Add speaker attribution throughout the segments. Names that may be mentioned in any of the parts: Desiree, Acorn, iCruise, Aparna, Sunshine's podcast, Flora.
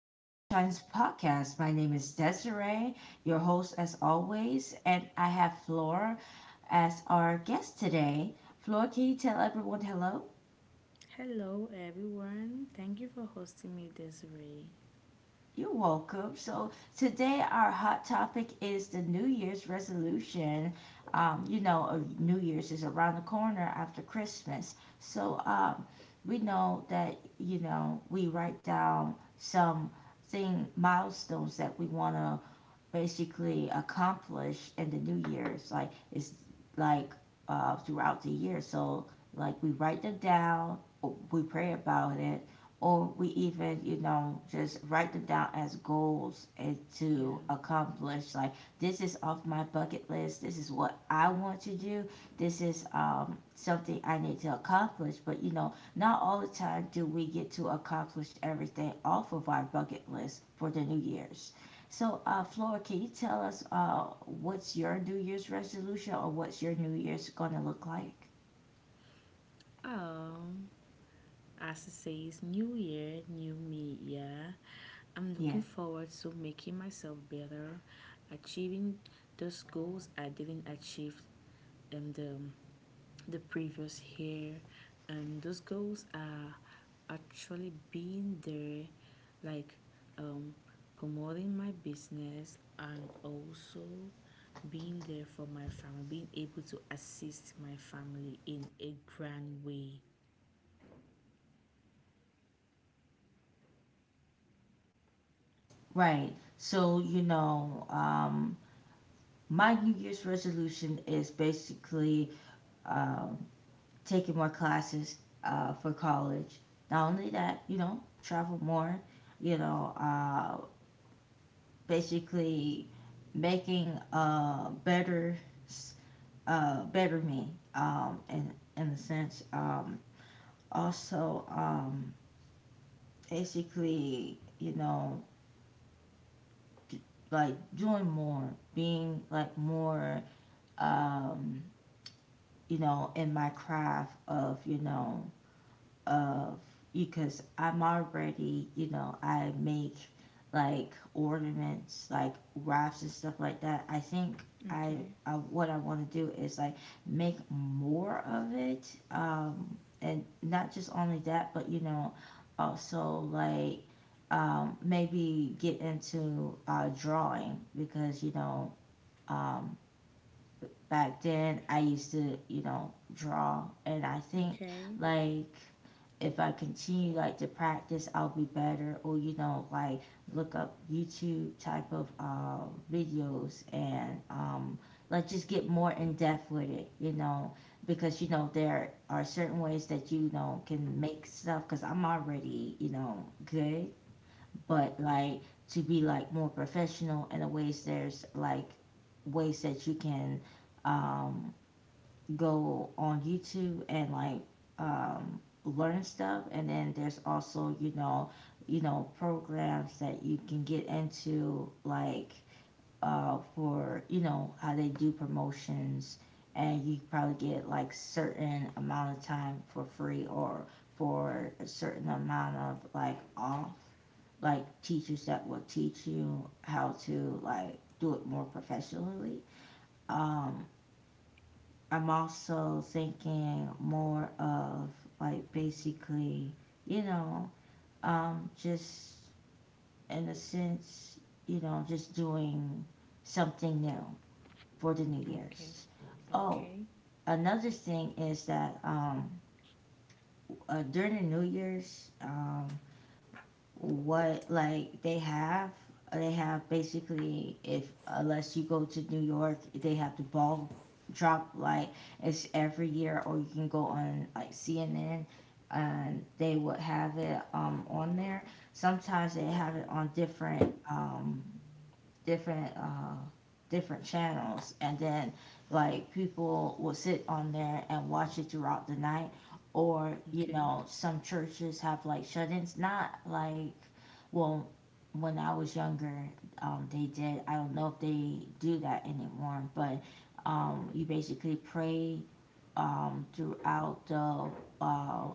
Speaker 1: to Sunshine's podcast. My name is Desiree, your host as always, and I have Flora as our guest today. Flora, can you tell everyone hello?
Speaker 2: Hello, everyone. Thank you for hosting me, Desiree.
Speaker 1: You're welcome. So, today our hot topic is the New Year's resolution. New Year's is around the corner after Christmas. So, um, we know that, you know, we write down some thing milestones that we want to basically accomplish in the new year's like it's like throughout the year, so like we write them down, or we pray about it, or we even, you know, just write them down as goals and
Speaker 2: Yeah.
Speaker 1: to accomplish, like, this is off my bucket list, this is what I want to do, this is, something I need to accomplish. But you know, not all the time do we get to accomplish everything off of our bucket list for the new year's. So, Flora, can you tell us what's your New Year's resolution, or what's your New Year's going to look like?
Speaker 2: Oh, as it says, new year, new me. Yeah. I'm
Speaker 1: Yeah,
Speaker 2: looking forward to making myself better, achieving those goals I didn't achieve in the previous year, and those goals are actually being there, like, um, promoting my business and also being there for my family, being able to assist my family in a grand way.
Speaker 1: right. So, my New Year's resolution is basically um, taking more classes for college. Not only that, you know, travel more, you know, uh, basically making better, s- better me um, in, in the sense. Also, basically, you know, d- like doing more, being like more, um, you know, in my craft of, you know of because I'm already, you know, I make like ornaments, like wraps and stuff like that. I think I,
Speaker 2: Okay.
Speaker 1: I, what I want to do is like make more of it, and not just only that, but you know, also like, maybe get into drawing, because you know um, back then I used to, you know, draw, and I think
Speaker 2: Okay.
Speaker 1: like if I continue like to practice I'll be better, or you know, like look up YouTube type of videos, and like just get more in depth with it, you know, because you know there are certain ways that you know can make stuff, because I'm already, you know, good, but like to be like more professional in the ways, there's like ways that you can um, go on YouTube and like learn stuff. And then there's also, you know, you know, programs that you can get into, like for, you know, how they do promotions, and you probably get like certain amount of time for free, or for a certain amount of like off, like teachers that will teach you how to like do it more professionally. um I'm also thinking more of like basically, you know, just in a sense, you know, just doing something new for the New
Speaker 2: Okay.
Speaker 1: Year's. Oh,
Speaker 2: Okay.
Speaker 1: another thing is that during the New Year's, what like they have basically, if, unless you go to New York, they have the ball drop, like it's every year, or you can go on like CNN and they would have it on there. Sometimes they have it on different different uh, different channels, and then like people will sit on there and watch it throughout the night. Or you
Speaker 2: Okay.
Speaker 1: know, some churches have like shut-ins. Not like, well, when I was younger, they did. I don't know if they do that anymore, but you basically pray throughout the uh,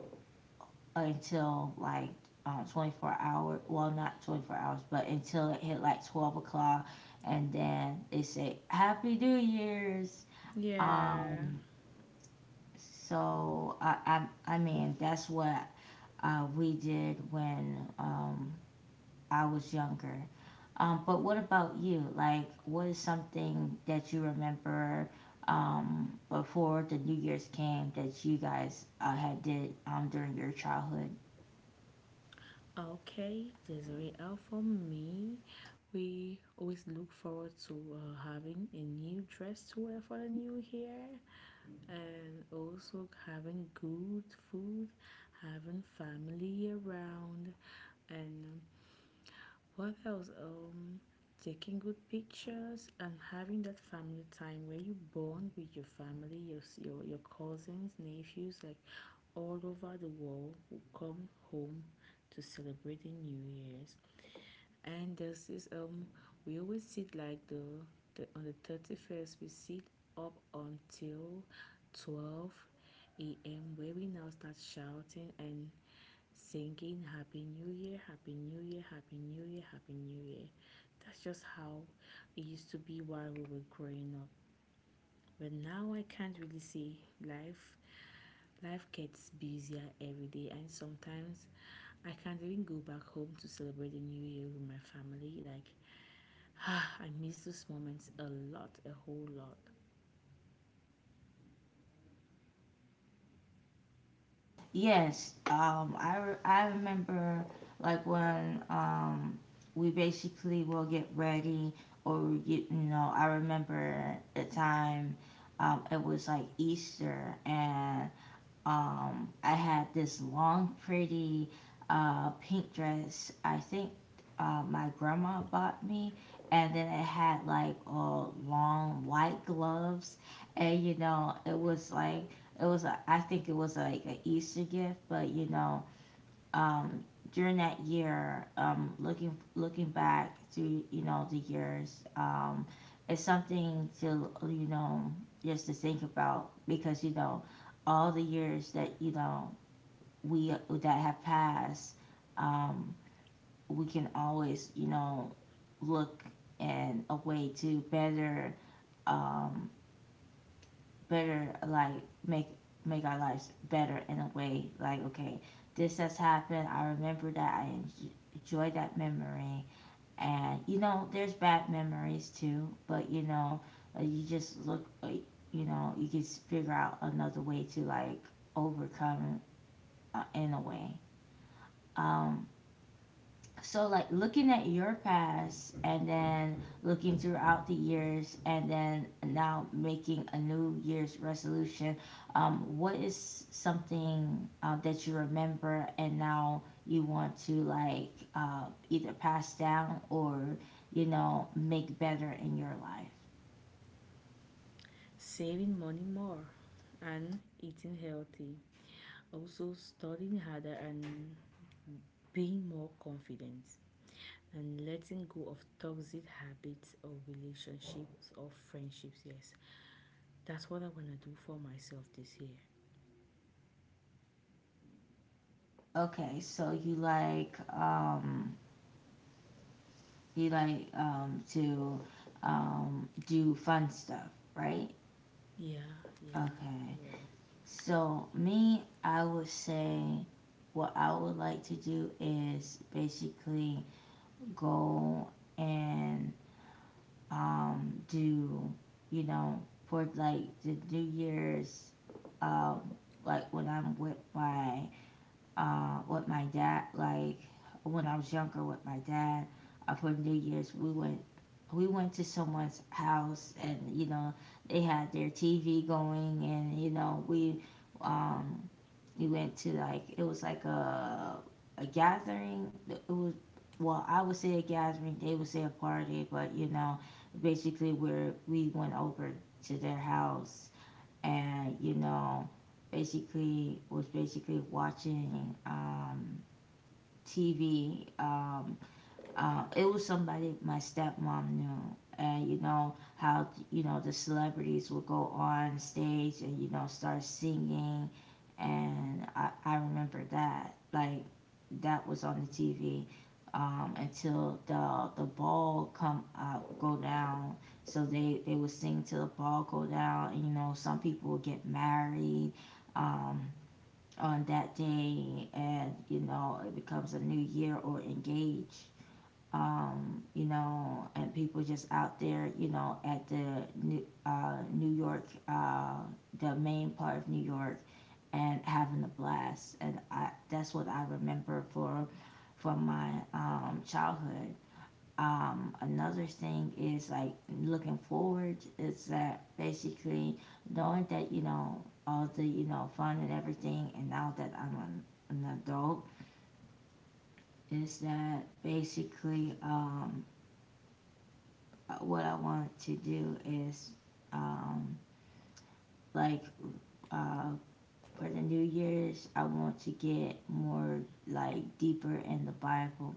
Speaker 1: until like, 24 hours. Well, not 24 hours, but until it hit like 12 o'clock, and then they say Happy New Year's.
Speaker 2: Yeah.
Speaker 1: Um, so I, I mean, that's what we did when I was younger. But what about you? Like, what is something that you remember before the New Year's came that you guys had did during your childhood?
Speaker 2: Okay, Desiree, out for me, we always look forward to having a new dress to wear for the new year and also having good food, having family around. And what else? Taking good pictures and having that family time where you bond with your family, your cousins, nephews, like, all over the world, who come home to celebrate the New Year's. And this is, we always sit, like, the on the 31st. We sit up until 12 a.m., where we now start shouting and singing Happy New Year, Happy New Year, Happy New Year, Happy New Year. That's just how it used to be while we were growing up. But now I can't really say, life life gets busier every day, and sometimes I can't even go back home to celebrate the new year with my family. Like, ah, I miss those moments a lot, a whole lot.
Speaker 1: Yes, I remember like when, we basically will get ready, or we get, you know, I remember the time, it was like Easter, and I had this long, pretty pink dress. I think my grandma bought me, and then it had like long white gloves, and you know, it was like I think it was like an Easter gift, but you know, um, during that year, looking back through, you know, the years, it's something to, you know, just to think about, because you know, all the years that, you know, we that have passed, um, we can always, you know, look and a way to better, um, better like make make our lives better, in a way like, okay, this has happened, I remember that, I enjoy that memory. And you know, there's bad memories too, but you know, you just look, you know, you can figure out another way to like overcome, in a way. um so like looking at your past, and then looking throughout the years, and then now making a new year's resolution, what is something that you remember and now you want to like either pass down or, you know, make better in your life?
Speaker 2: Saving money more and eating healthy. Also, studying harder and being more confident. And letting go of toxic habits or relationships or friendships, yes. That's what I want to do for myself this year.
Speaker 1: Okay, so you like, to, do fun stuff, right?
Speaker 2: Yeah, yeah,
Speaker 1: Okay.
Speaker 2: yeah.
Speaker 1: So me, I would say what I would like to do is basically go and do, you know, for like the New Year's, um like when I'm with my, with my dad, like when I was younger with my dad, for New Year's, we went, we went to someone's house, and you know they had their TV going, and you know we, um we went to like, it was like a gathering. It was, well, I would say a gathering. They would say a party, but you know, basically where we went over to their house, and you know, basically was basically watching, TV. It was somebody my stepmom knew, and you know how, you know, the celebrities would go on stage and you know start singing. And I remember that like that was on the TV until the ball come up go down. So they would sing till the ball go down. And you know, some people would get married, um, on that day, and you know, it becomes a new year, or engaged, you know, and people just out there, you know, at the New York, the main part of New York, and having a blast. And I, that's what I remember for my childhood. Another thing is like looking forward, is that basically knowing that, you know, all the, you know, fun and everything, and now that I'm an adult, is that basically, what I want to do is, um, like uh, for the New Year's, I want to get more like deeper in the Bible,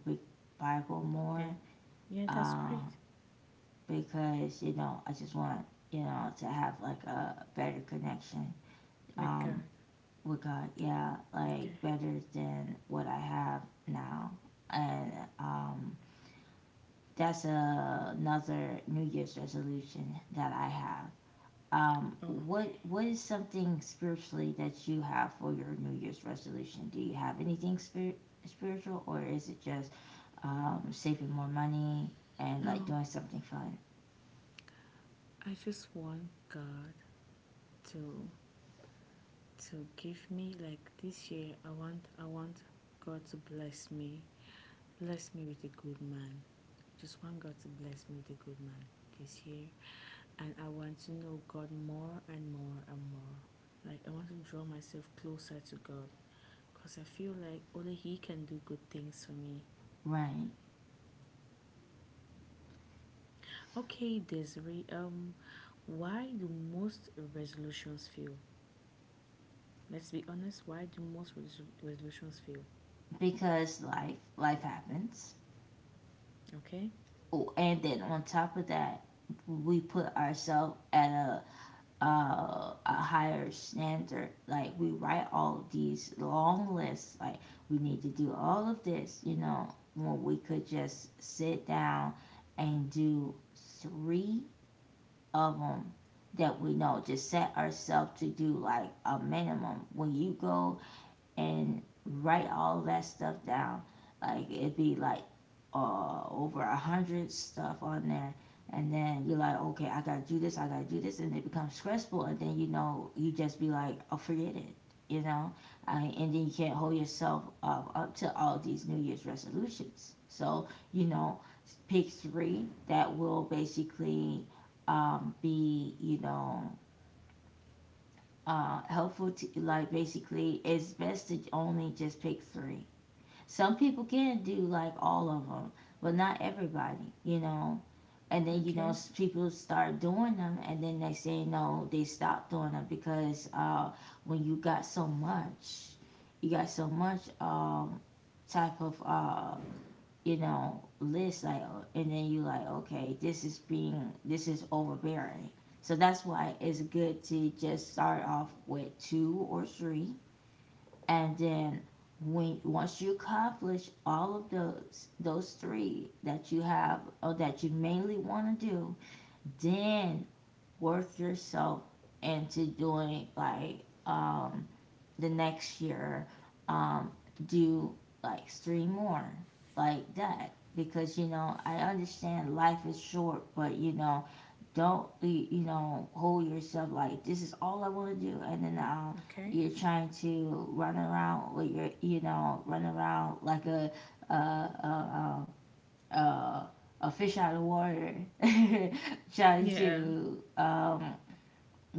Speaker 1: Bible more,
Speaker 2: Okay. Yeah, that's
Speaker 1: uh,
Speaker 2: great.
Speaker 1: because you know I just want, you know, to have like a better connection,
Speaker 2: With
Speaker 1: um,
Speaker 2: God.
Speaker 1: with God. Yeah,
Speaker 2: Okay.
Speaker 1: like better than what I have now, and um, that's another New Year's resolution that I have.
Speaker 2: Okay.
Speaker 1: What is something spiritually that you have for your New Year's resolution? Do you have anything spiritual, or is it just, saving more money and like
Speaker 2: No,
Speaker 1: doing something fun?
Speaker 2: I just want God to to give me, like, this year, I want God to bless me. Bless me with a good man. Just want God to bless me with a good man this year. And I want to know God more and more and more. Like, I want to draw myself closer to God, because I feel like only He can do good things for me.
Speaker 1: Right,
Speaker 2: Okay, Desiree, why do most resolutions fail? Let's be honest, why do most resolutions fail?
Speaker 1: because life happens.
Speaker 2: Okay.
Speaker 1: Oh, and then on top of that, we put ourselves at a higher standard. Like we write all of these long lists. Like we need to do all of this. You know, when we could just sit down and do three of them that we know. Just set ourselves to do like a minimum. When you go and write all that stuff down. Like it'd be like over 100 stuff on there, and then you're like, okay, I gotta do this, I gotta do this, and it becomes stressful, and then you know you just be like, oh, forget it, you know. I mean, and then you can't hold yourself up to all these New Year's resolutions. So, pick three that will basically be helpful to like basically it's best to only just pick three. Some people can do like all of them, but not everybody. And then
Speaker 2: Okay.
Speaker 1: people start doing them, and then they say no, they stop doing them because when you got so much, you got so much, type of list, like, oh, and then you like, okay, this is being this is overbearing. So that's why it's good to just start off with two or three. And then when once you accomplish all of those three that you have or that you mainly want to do, then work yourself into doing like, um the next year, um, do like three more like that. Because I understand life is short, but don't hold yourself like this is all I want to do, and then
Speaker 2: Okay.
Speaker 1: you're trying to run around with your, run around like a a, a, a, a fish out of water trying
Speaker 2: Yeah.
Speaker 1: to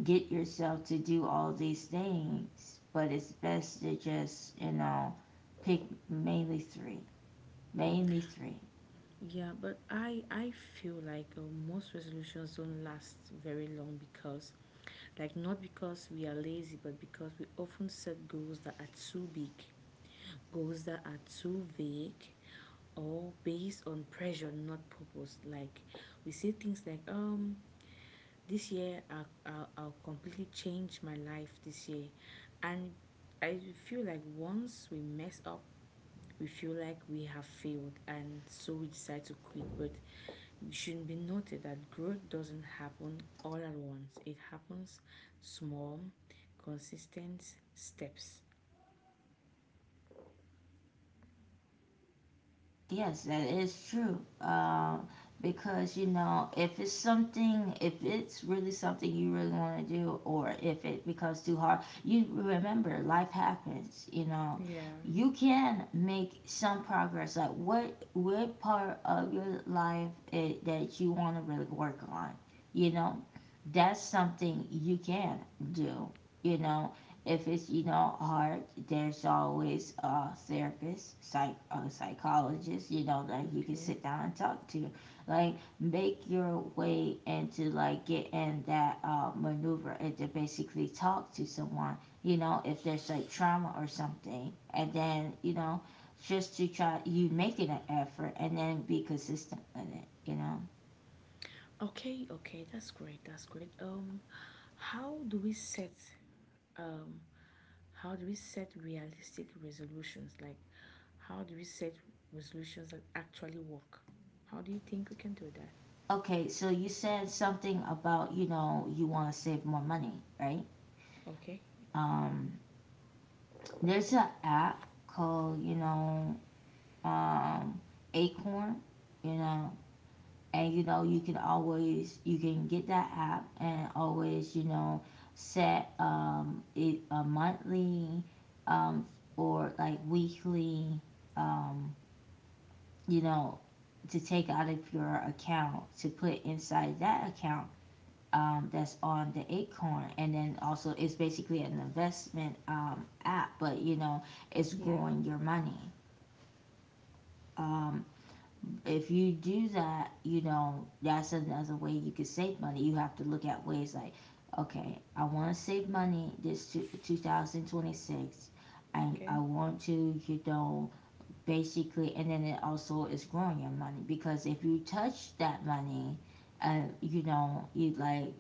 Speaker 1: get yourself to do all these things. But it's best to just, pick mainly three. Mainly three.
Speaker 2: Yeah, but I feel like, most resolutions don't last very long, because, like, not because we are lazy, but because we often set goals that are too big, goals that are too vague or based on pressure, not purpose. Like, we say things like, this year, I'll completely change my life this year. And I feel like once we mess up, we feel like we have failed, and so we decide to quit. But it should be noted that growth doesn't happen all at once. It happens small, consistent steps.
Speaker 1: Yes, that is true. Because, if it's something, if it's really something you really want to do, or if it becomes too hard, you remember life happens, you know.
Speaker 2: Yeah.
Speaker 1: You can make some progress. Like, what part of your life it, that you want to really work on, you know? That's something you can do, you know? If it's hard, there's always a therapist psych a psychologist that you can
Speaker 2: Okay.
Speaker 1: sit down and talk to. Like make your way into like get in that maneuver and to basically talk to someone, if there's like trauma or something. And then just to try you making an effort and then be consistent with it.
Speaker 2: Okay, okay, that's great. That's great. How do we set, um how do we set realistic resolutions? Like, how do we set resolutions that actually work? How do you think we can do that?
Speaker 1: Okay, so you said something about you want to save more money, right?
Speaker 2: Okay.
Speaker 1: um There's an app called, um, Acorn, you know, and you can always, you can get that app and always, set it a monthly, um or like weekly, um, you know, to take out of your account to put inside that account, that's on the Acorn. And then also it's basically an investment app, but it's
Speaker 2: Yeah.
Speaker 1: growing your money. um, if you do that, that's another way you could save money. You have to look at ways like, okay, I want to save money this 2026. I,
Speaker 2: Okay.
Speaker 1: I want to, basically. And then it also is growing your money, because if you touch that money, you like,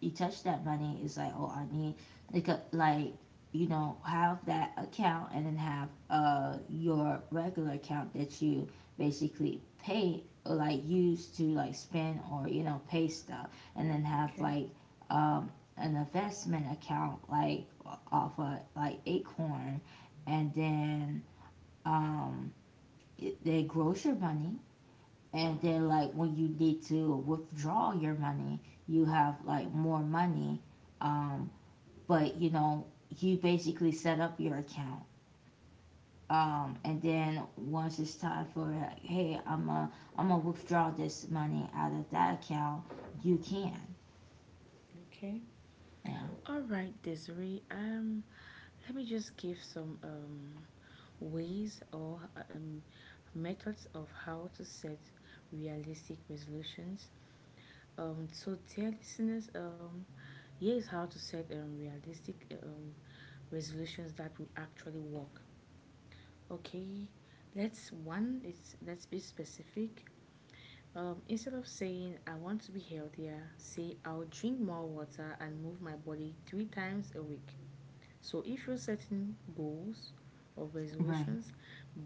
Speaker 1: you touch that money, it's like, oh, I need, like, like, have that account, and then have your regular account that you basically pay or like use to like spend or pay stuff. And then have
Speaker 2: Okay.
Speaker 1: like, um an investment account like off of like Acorn, and then um it, they grows your money. And then like when you need to withdraw your money, you have like more money. um, but you basically set up your account, and then once it's time for like, hey, I'm a, I'm gonna withdraw this money out of that account, you can.
Speaker 2: Okay.
Speaker 1: Yeah.
Speaker 2: All right, Desiree. Let me just give some ways or um, methods of how to set realistic resolutions. So, dear listeners, here is how to set realistic resolutions that will actually work. Okay, let's one. It's let's be specific. Instead of saying I want to be healthier, say I'll drink more water and move my body three times a week. So if you're setting goals or
Speaker 1: Right,
Speaker 2: resolutions,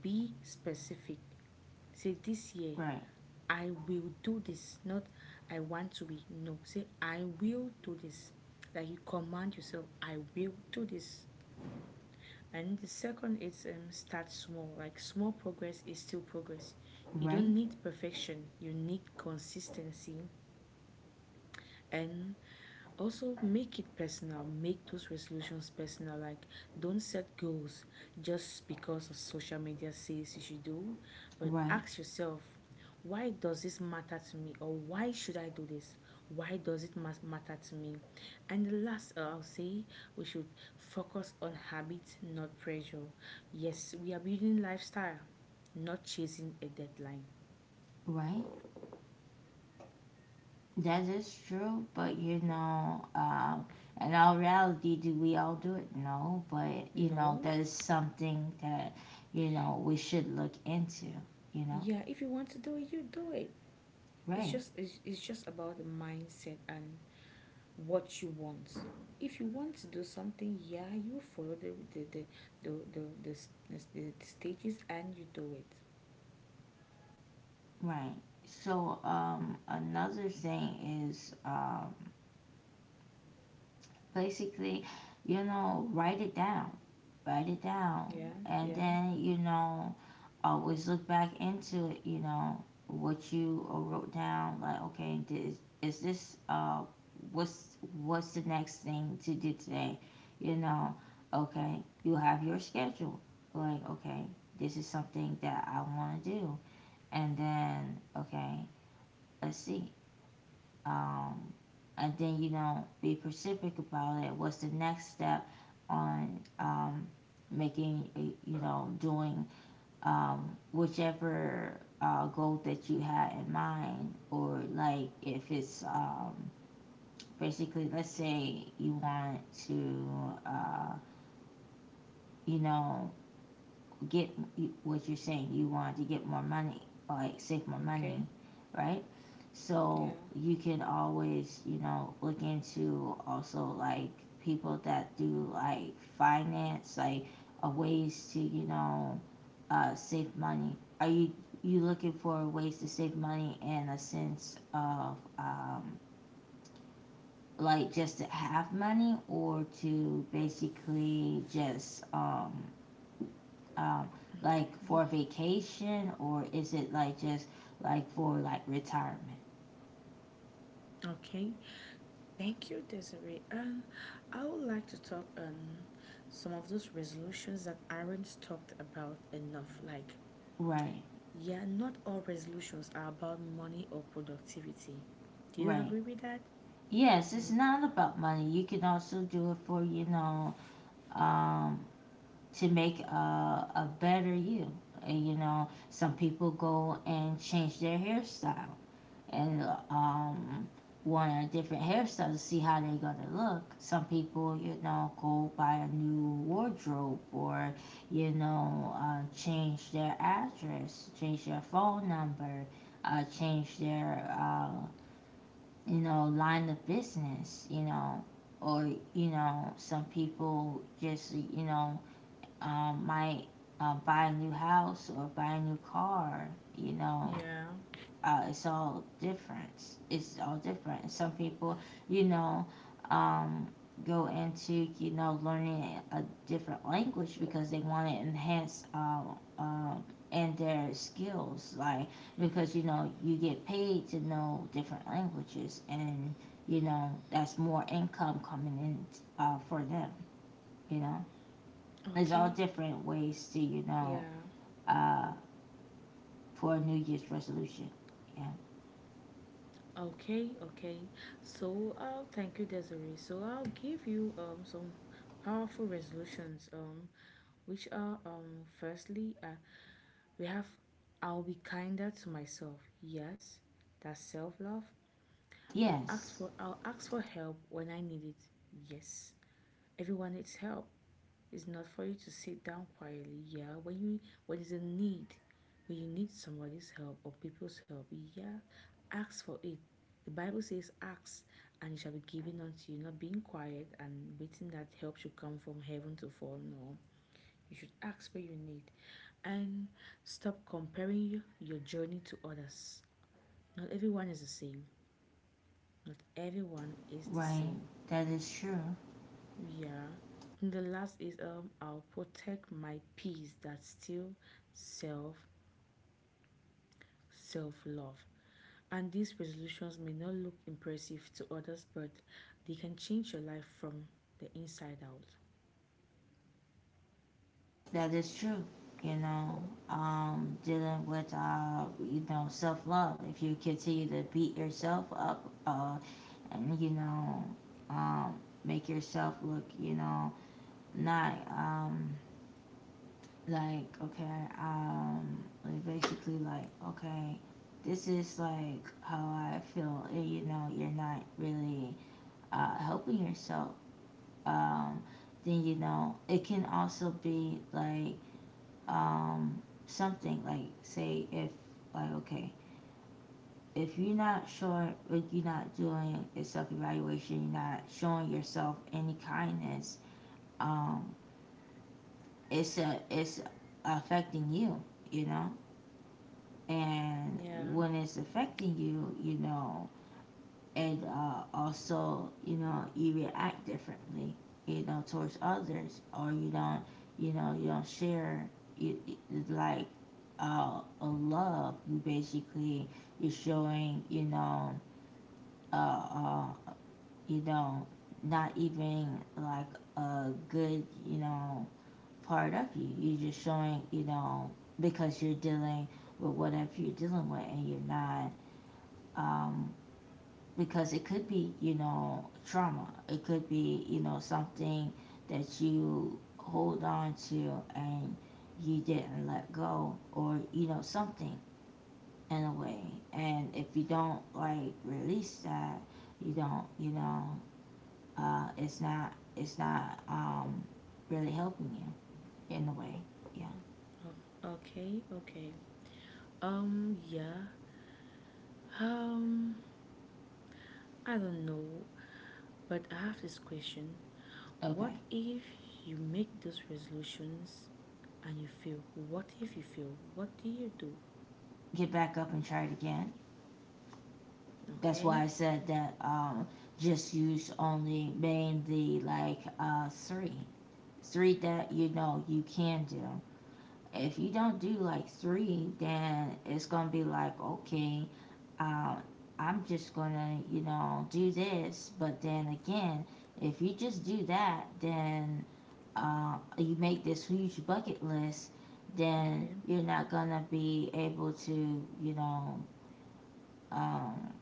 Speaker 2: be specific. Say, this year
Speaker 1: right,
Speaker 2: I will do this. Not, I want to be. No. Say, I will do this. Like, you command yourself, I will do this. And the second is, start small. Like, small progress is still progress. You
Speaker 1: right,
Speaker 2: don't need perfection. You need consistency, and also, make it personal. Make those resolutions personal. Like, don't set goals just because of social media says you should do, but
Speaker 1: right,
Speaker 2: ask yourself, why does this matter to me, or why should I do this? Why does it matter to me? And the last, I'll say, we should focus on habit, not pressure. Yes, we are building lifestyle, not chasing a deadline.
Speaker 1: right. That is true, but in all reality, do we all do it? No, but
Speaker 2: No.
Speaker 1: that is something that we should look into. You know,
Speaker 2: Yeah, if you want to do it, you do it. It's
Speaker 1: right,
Speaker 2: just it's just about the mindset and what you want. If you want to do something, yeah, you follow the stages and you do it.
Speaker 1: right. So another thing is basically, write it down, write it down.
Speaker 2: Yeah.
Speaker 1: And
Speaker 2: Yeah.
Speaker 1: then always look back into it, what you wrote down. Like, okay, is this, what's the next thing to do today? You know, okay, you have your schedule. Like, okay, this is something that I want to do. And then, okay, let's see. Um, and then, be specific about it. What's the next step on, making, doing, whichever goal that you had in mind. Or like if it's basically, let's say you want to, uh, you know, get what you're saying, you want to get more money, like save more
Speaker 2: Okay.
Speaker 1: money, right? So
Speaker 2: Yeah.
Speaker 1: you can always, look into also like people that do like finance, like ways to, save money? Are you, you looking for ways to save money in a sense of like just to have money or to basically just um, like for vacation? Or is it like just like for like retirement?
Speaker 2: Okay. Thank you, Desiree. And I would like to talk on some of those resolutions that aren't talked about enough. Like,
Speaker 1: Right,
Speaker 2: yeah, not all resolutions are about money or productivity. Do you
Speaker 1: right.
Speaker 2: agree with that?
Speaker 1: Yes, it's
Speaker 2: Ye-
Speaker 1: not about money. You can also do it for um, to make a better you. And, some people go and change their hairstyle, and um, want a different hairstyle to see how they're going to look. Some people, go buy a new wardrobe. Or, change their address, change their phone number, change their, line of business. Or, some people just, might buy a new house or buy a new car. You know,
Speaker 2: yeah.
Speaker 1: it's all different. It's all different. And some people, you know, um, go into learning a different language because they want to enhance, um and their skills. Like because you get paid to know different languages, and that's more income coming in, for them you know there's all
Speaker 2: Okay,
Speaker 1: different ways to,
Speaker 2: yeah,
Speaker 1: uh, for a New Year's resolution. Yeah.
Speaker 2: okay, okay. So, thank you, Desiree. So, I'll give you some powerful resolutions. Which are, firstly, we have, I'll be kinder to myself. Yes, that's self love.
Speaker 1: Yes,
Speaker 2: I'll ask for help when I need it. Yes, everyone needs help. It's not for you to sit down quietly. Yeah, when you when there's a need, when you need somebody's help or people's help, yeah, ask for it. The Bible says, "Ask, and it shall be given unto you." Not being quiet and waiting that help should come from heaven to fall. No, you should ask what you need, and stop comparing you, your journey to others. Not everyone is the same. Not everyone is the
Speaker 1: right.
Speaker 2: same.
Speaker 1: That is true.
Speaker 2: Yeah. And the last is, I'll protect my peace. That's still self self love. And these resolutions may not look impressive to others, but they can change your life from the inside out.
Speaker 1: That is true. You know, dealing with, self love. If you continue to beat yourself up, and um, make yourself look, not like okay, like basically like okay, this is like how I feel. You know, you're not really helping yourself, um, then it can also be like um, something like, say if like, okay, if you're not sure, like you're not doing a self-evaluation, you're not showing yourself any kindness, um, it's affecting you. You know And
Speaker 2: Yeah.
Speaker 1: when it's affecting you, you know and also you react differently, towards others. Or you don't, you don't share, you, you- like a love you basically, you're showing, uh, uh you know not even like a good, part of you, you're just showing, because you're dealing with whatever you're dealing with and you're not, um because it could be trauma, it could be something that you hold on to, and you didn't let go. Or something in a way. And if you don't like release that, you don't, it's not really helping you in a way. Yeah.
Speaker 2: Oh, okay, okay. Yeah. Um I don't know, but I have this question. What
Speaker 1: Okay.
Speaker 2: if you make those resolutions and you fail? What if you fail? What do you do?
Speaker 1: Get back up and try it again. That's why
Speaker 2: Okay?
Speaker 1: I said that, just use only mainly like, three that you can do. If you don't do like three, then it's gonna be like, okay, um, I'm just gonna, do this. But then again, if you just do that, then you make this huge bucket list, then
Speaker 2: Okay.
Speaker 1: you're not gonna be able to, um,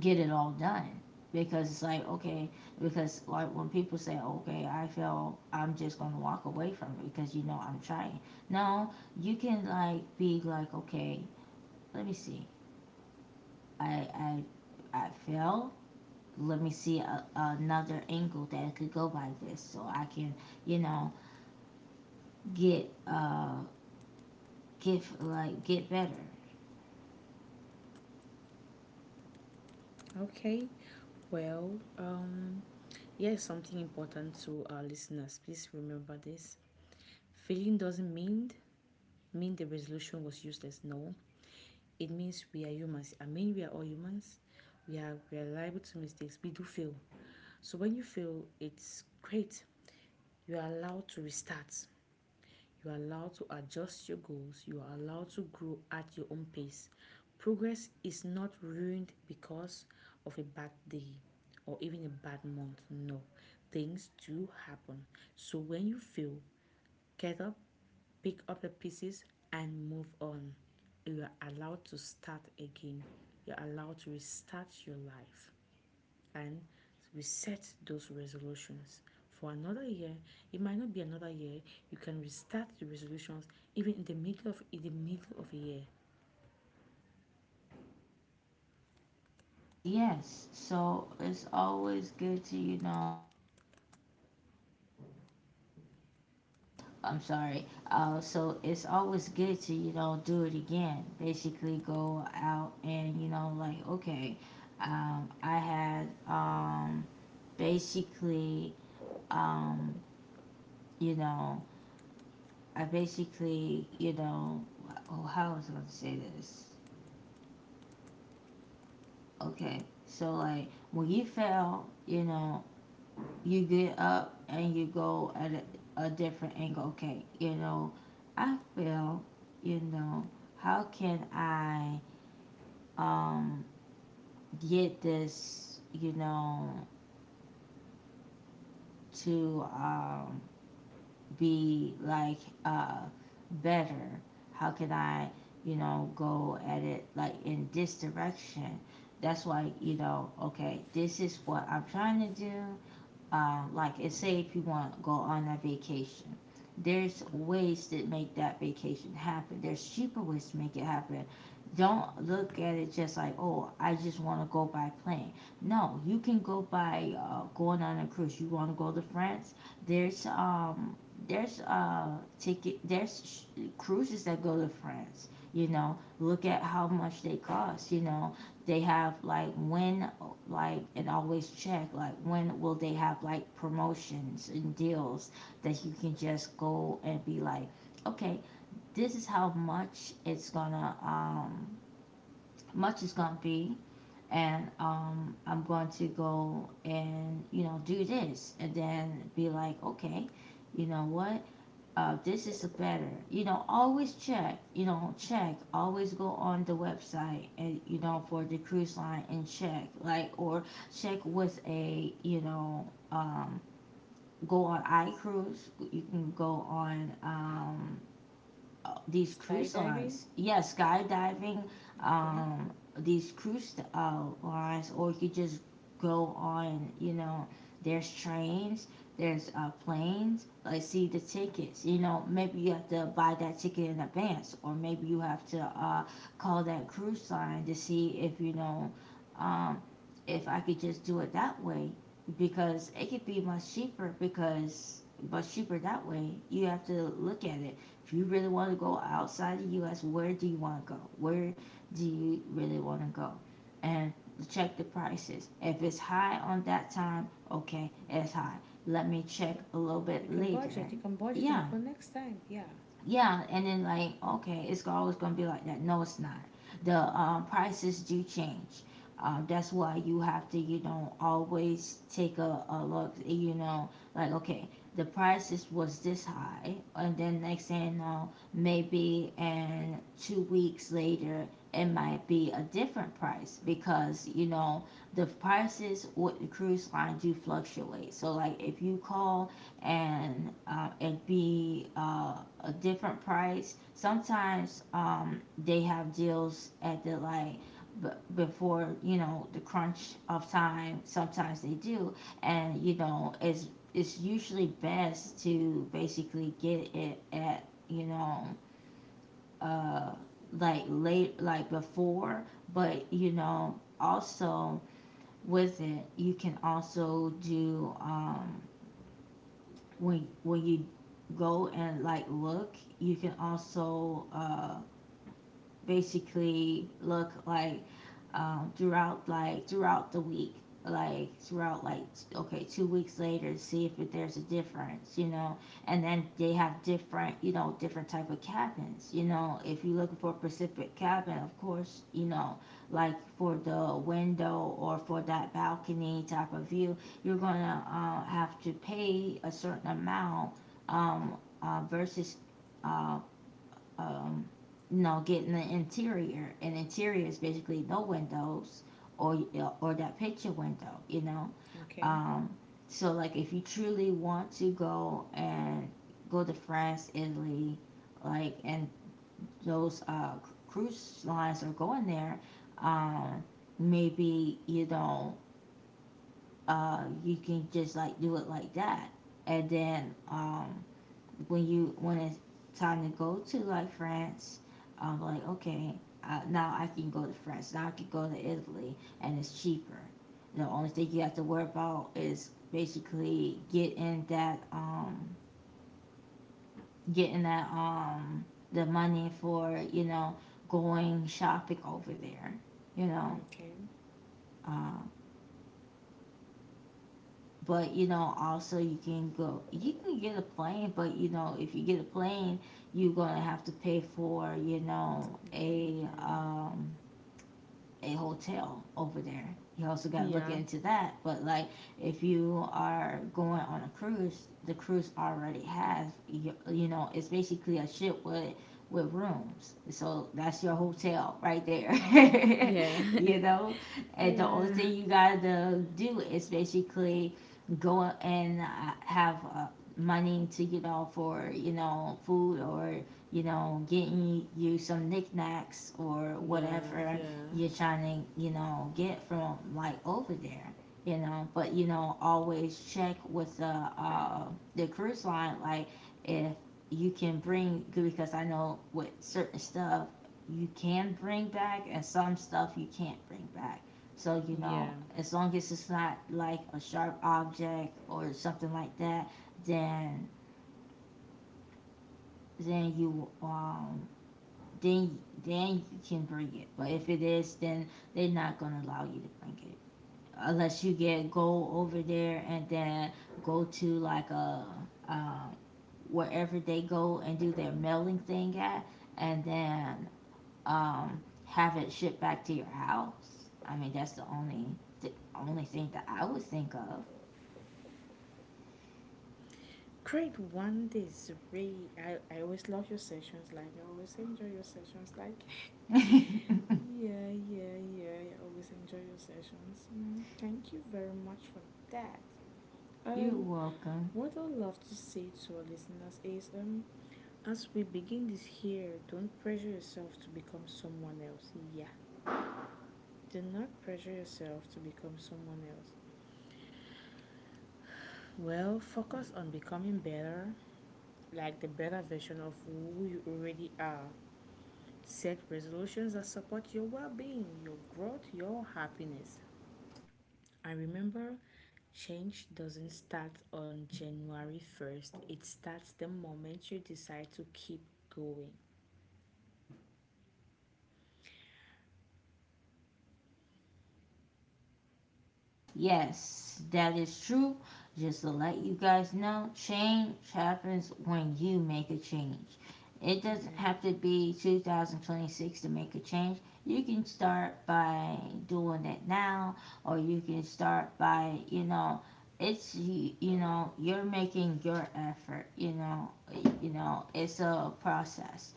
Speaker 1: get it all done. Because it's like, okay, because like when people say, okay, I feel, I'm just gonna walk away from it because I'm trying. No, you can like be like, okay, let me see, I I failed. Let me see another angle that I could go by this, so I can, you know get uh get like get better.
Speaker 2: Okay. Well, here's something important to our listeners. Please remember this. Failing doesn't mean the resolution was useless. No, it means we are humans. I mean, we are all humans. We are liable to mistakes. We do fail. So when you fail, it's great. You are allowed to restart. You are allowed to adjust your goals. You are allowed to grow at your own pace. Progress is not ruined because of a bad day or even a bad month. No, things do happen. So when you fail, get up, pick up the pieces, and move on. You are allowed to start again. You're allowed to restart your life and reset those resolutions for another year. It might not be another year. You can restart the resolutions even in the middle of a year.
Speaker 1: Yes, so it's always good to, I'm sorry. So it's always good to do it again. Basically, go out and like okay, I had basically, um, you know I basically oh, how was I going to say this? Okay, so like when you fail, you get up and you go at a different angle. Okay, I fail. You know how can I, um, get this, to, be like, uh, better? How can I, go at it like in this direction? That's why, okay, this is what I'm trying to do. Like, it's say if you want to go on a vacation, there's
Speaker 2: Mm-hmm.
Speaker 1: ways to make that vacation happen, there's cheaper ways to make it happen. Don't look at it just like, oh, I just want to go by plane. No, you can go by going on a cruise. You want to go to France, there's um there's ticket, there's cruises that go to France. Look at how much they cost. They have like when, like, and always check like when will they have like promotions and deals that you can just go and be like, okay, this is how much it's gonna be. And I'm going to go and do this, and then be like, okay, what, this is better. You know, always check. You know, check. Always go on the website, and for the cruise line, and check like, or check with a go on iCruise. You can go on, these cruise
Speaker 2: Skydiving,
Speaker 1: lines. Yeah, skydiving,
Speaker 2: okay.
Speaker 1: um, these cruise lines, or you could just go on, there's trains, there's planes. Like, see the tickets. You know, maybe you have to buy that ticket in advance, or maybe you have to call that cruise line to see if, um, if I could just do it that way because it could be much cheaper because much cheaper that way. You have to look at it if you really want to go outside the U.S., where do you want to go? Where do you really want to go? And check the prices. If it's high on that time, okay, it's high. Let me check a little
Speaker 2: You
Speaker 1: bit
Speaker 2: can budget.
Speaker 1: later.
Speaker 2: You can budget and
Speaker 1: Yeah,
Speaker 2: go next time. Yeah.
Speaker 1: yeah, and then like, okay, it's always gonna be like that. No, it's not. The prices do change. That's why you have to, always take a look. You know, like okay, the prices was this high, and then next thing you know, maybe and 2 weeks later, it might be a different price because you know the prices with the cruise line do fluctuate. So like, if you call and it'd be a different price. Sometimes they have deals at the like before you know the crunch of time. Sometimes they do, and you know, it's usually best to basically get it at uh, like late like before, but you know also with it you can also do when you go and like look, you can also basically look like throughout like throughout the week like throughout like okay, 2 weeks later, see if there's a difference, you know, and then they have different, you know, different type of cabins. You know, if you're looking for a pacific cabin, of course, you know, like for the window or for that balcony type of view, you're gonna have to pay a certain amount. Um, versus uh, um, you know, getting the interior, and interior is basically no windows or or that picture window, you know.
Speaker 2: Okay.
Speaker 1: Um, so like if you truly want to go and go to France, Italy, like and those cruise lines are going there, um, maybe you know you can just like do it like that, and then when you when it's time to go to like France, I'm like, okay, I, now I can go to France. Now I can go to Italy, and it's cheaper. The only thing you have to worry about is basically getting that the money for you know going shopping over there. You know,
Speaker 2: Okay.
Speaker 1: uh, but you know also you can go, you can get a plane, but you know if you get a plane you're gonna have to pay for you
Speaker 2: It,
Speaker 1: know
Speaker 2: it,
Speaker 1: a hotel over there. You also got to look
Speaker 2: yeah.
Speaker 1: into that. But like, if you are going on a cruise, the cruise already has you, you know it's basically a ship with rooms. So that's your hotel right there.
Speaker 2: Yeah.
Speaker 1: You know, and the only
Speaker 2: Yeah. yeah.
Speaker 1: thing you got to do is basically go and have money to you know for you know food or you know getting you some knickknacks or
Speaker 2: Yeah.
Speaker 1: whatever
Speaker 2: Yeah.
Speaker 1: you're trying to, you know, get from like over there, you know. But you know, always check with the cruise line, like if you can bring, because I know with certain stuff you can bring back and some stuff you can't bring back. So you know,
Speaker 2: Yeah.
Speaker 1: as long as it's not like a sharp object or something like that, then then you um then then you can bring it. But if it is, then they're not gonna allow you to bring it, unless you get go over there and then go to like a um, wherever they go and do their mailing thing at, and then have it shipped back to your house. I mean, that's the only thing that I would think of.
Speaker 2: Create one day. Is really- I always love your sessions. Like, I always enjoy your sessions. Like, yeah, yeah, yeah. I always enjoy your sessions. Mm, thank you very much for that.
Speaker 1: You're
Speaker 2: Um,
Speaker 1: welcome.
Speaker 2: what I'd love to say to our listeners is, as we begin this here, don't pressure yourself to become someone else. Yeah, do not pressure yourself to become someone else. Well, focus on becoming better, like the better version of who you already are. Set resolutions that support your well being, your growth, your happiness. And remember, change doesn't start on January 1st, it starts the moment you decide to keep going.
Speaker 1: Yes, that is true. Just to let you guys know, change happens when you make a change. It doesn't
Speaker 2: Yeah.
Speaker 1: have to be 2026 to make a change. You can start by doing it now, or you can start by, you know, it's you know, you're making your effort, you know, you know it's a process,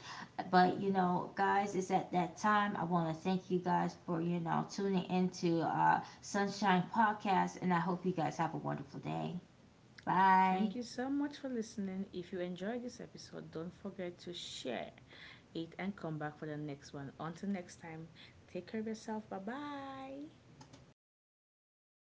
Speaker 1: but you know guys, it's at that time I want to thank you guys for you know tuning into Sunshine Podcast, and I hope you guys have a wonderful day.
Speaker 2: Okay.
Speaker 1: Bye.
Speaker 2: Thank you so much for listening. If you enjoyed this episode, don't forget to share it and come back for the next one. Until next time, take care of yourself. Bye bye.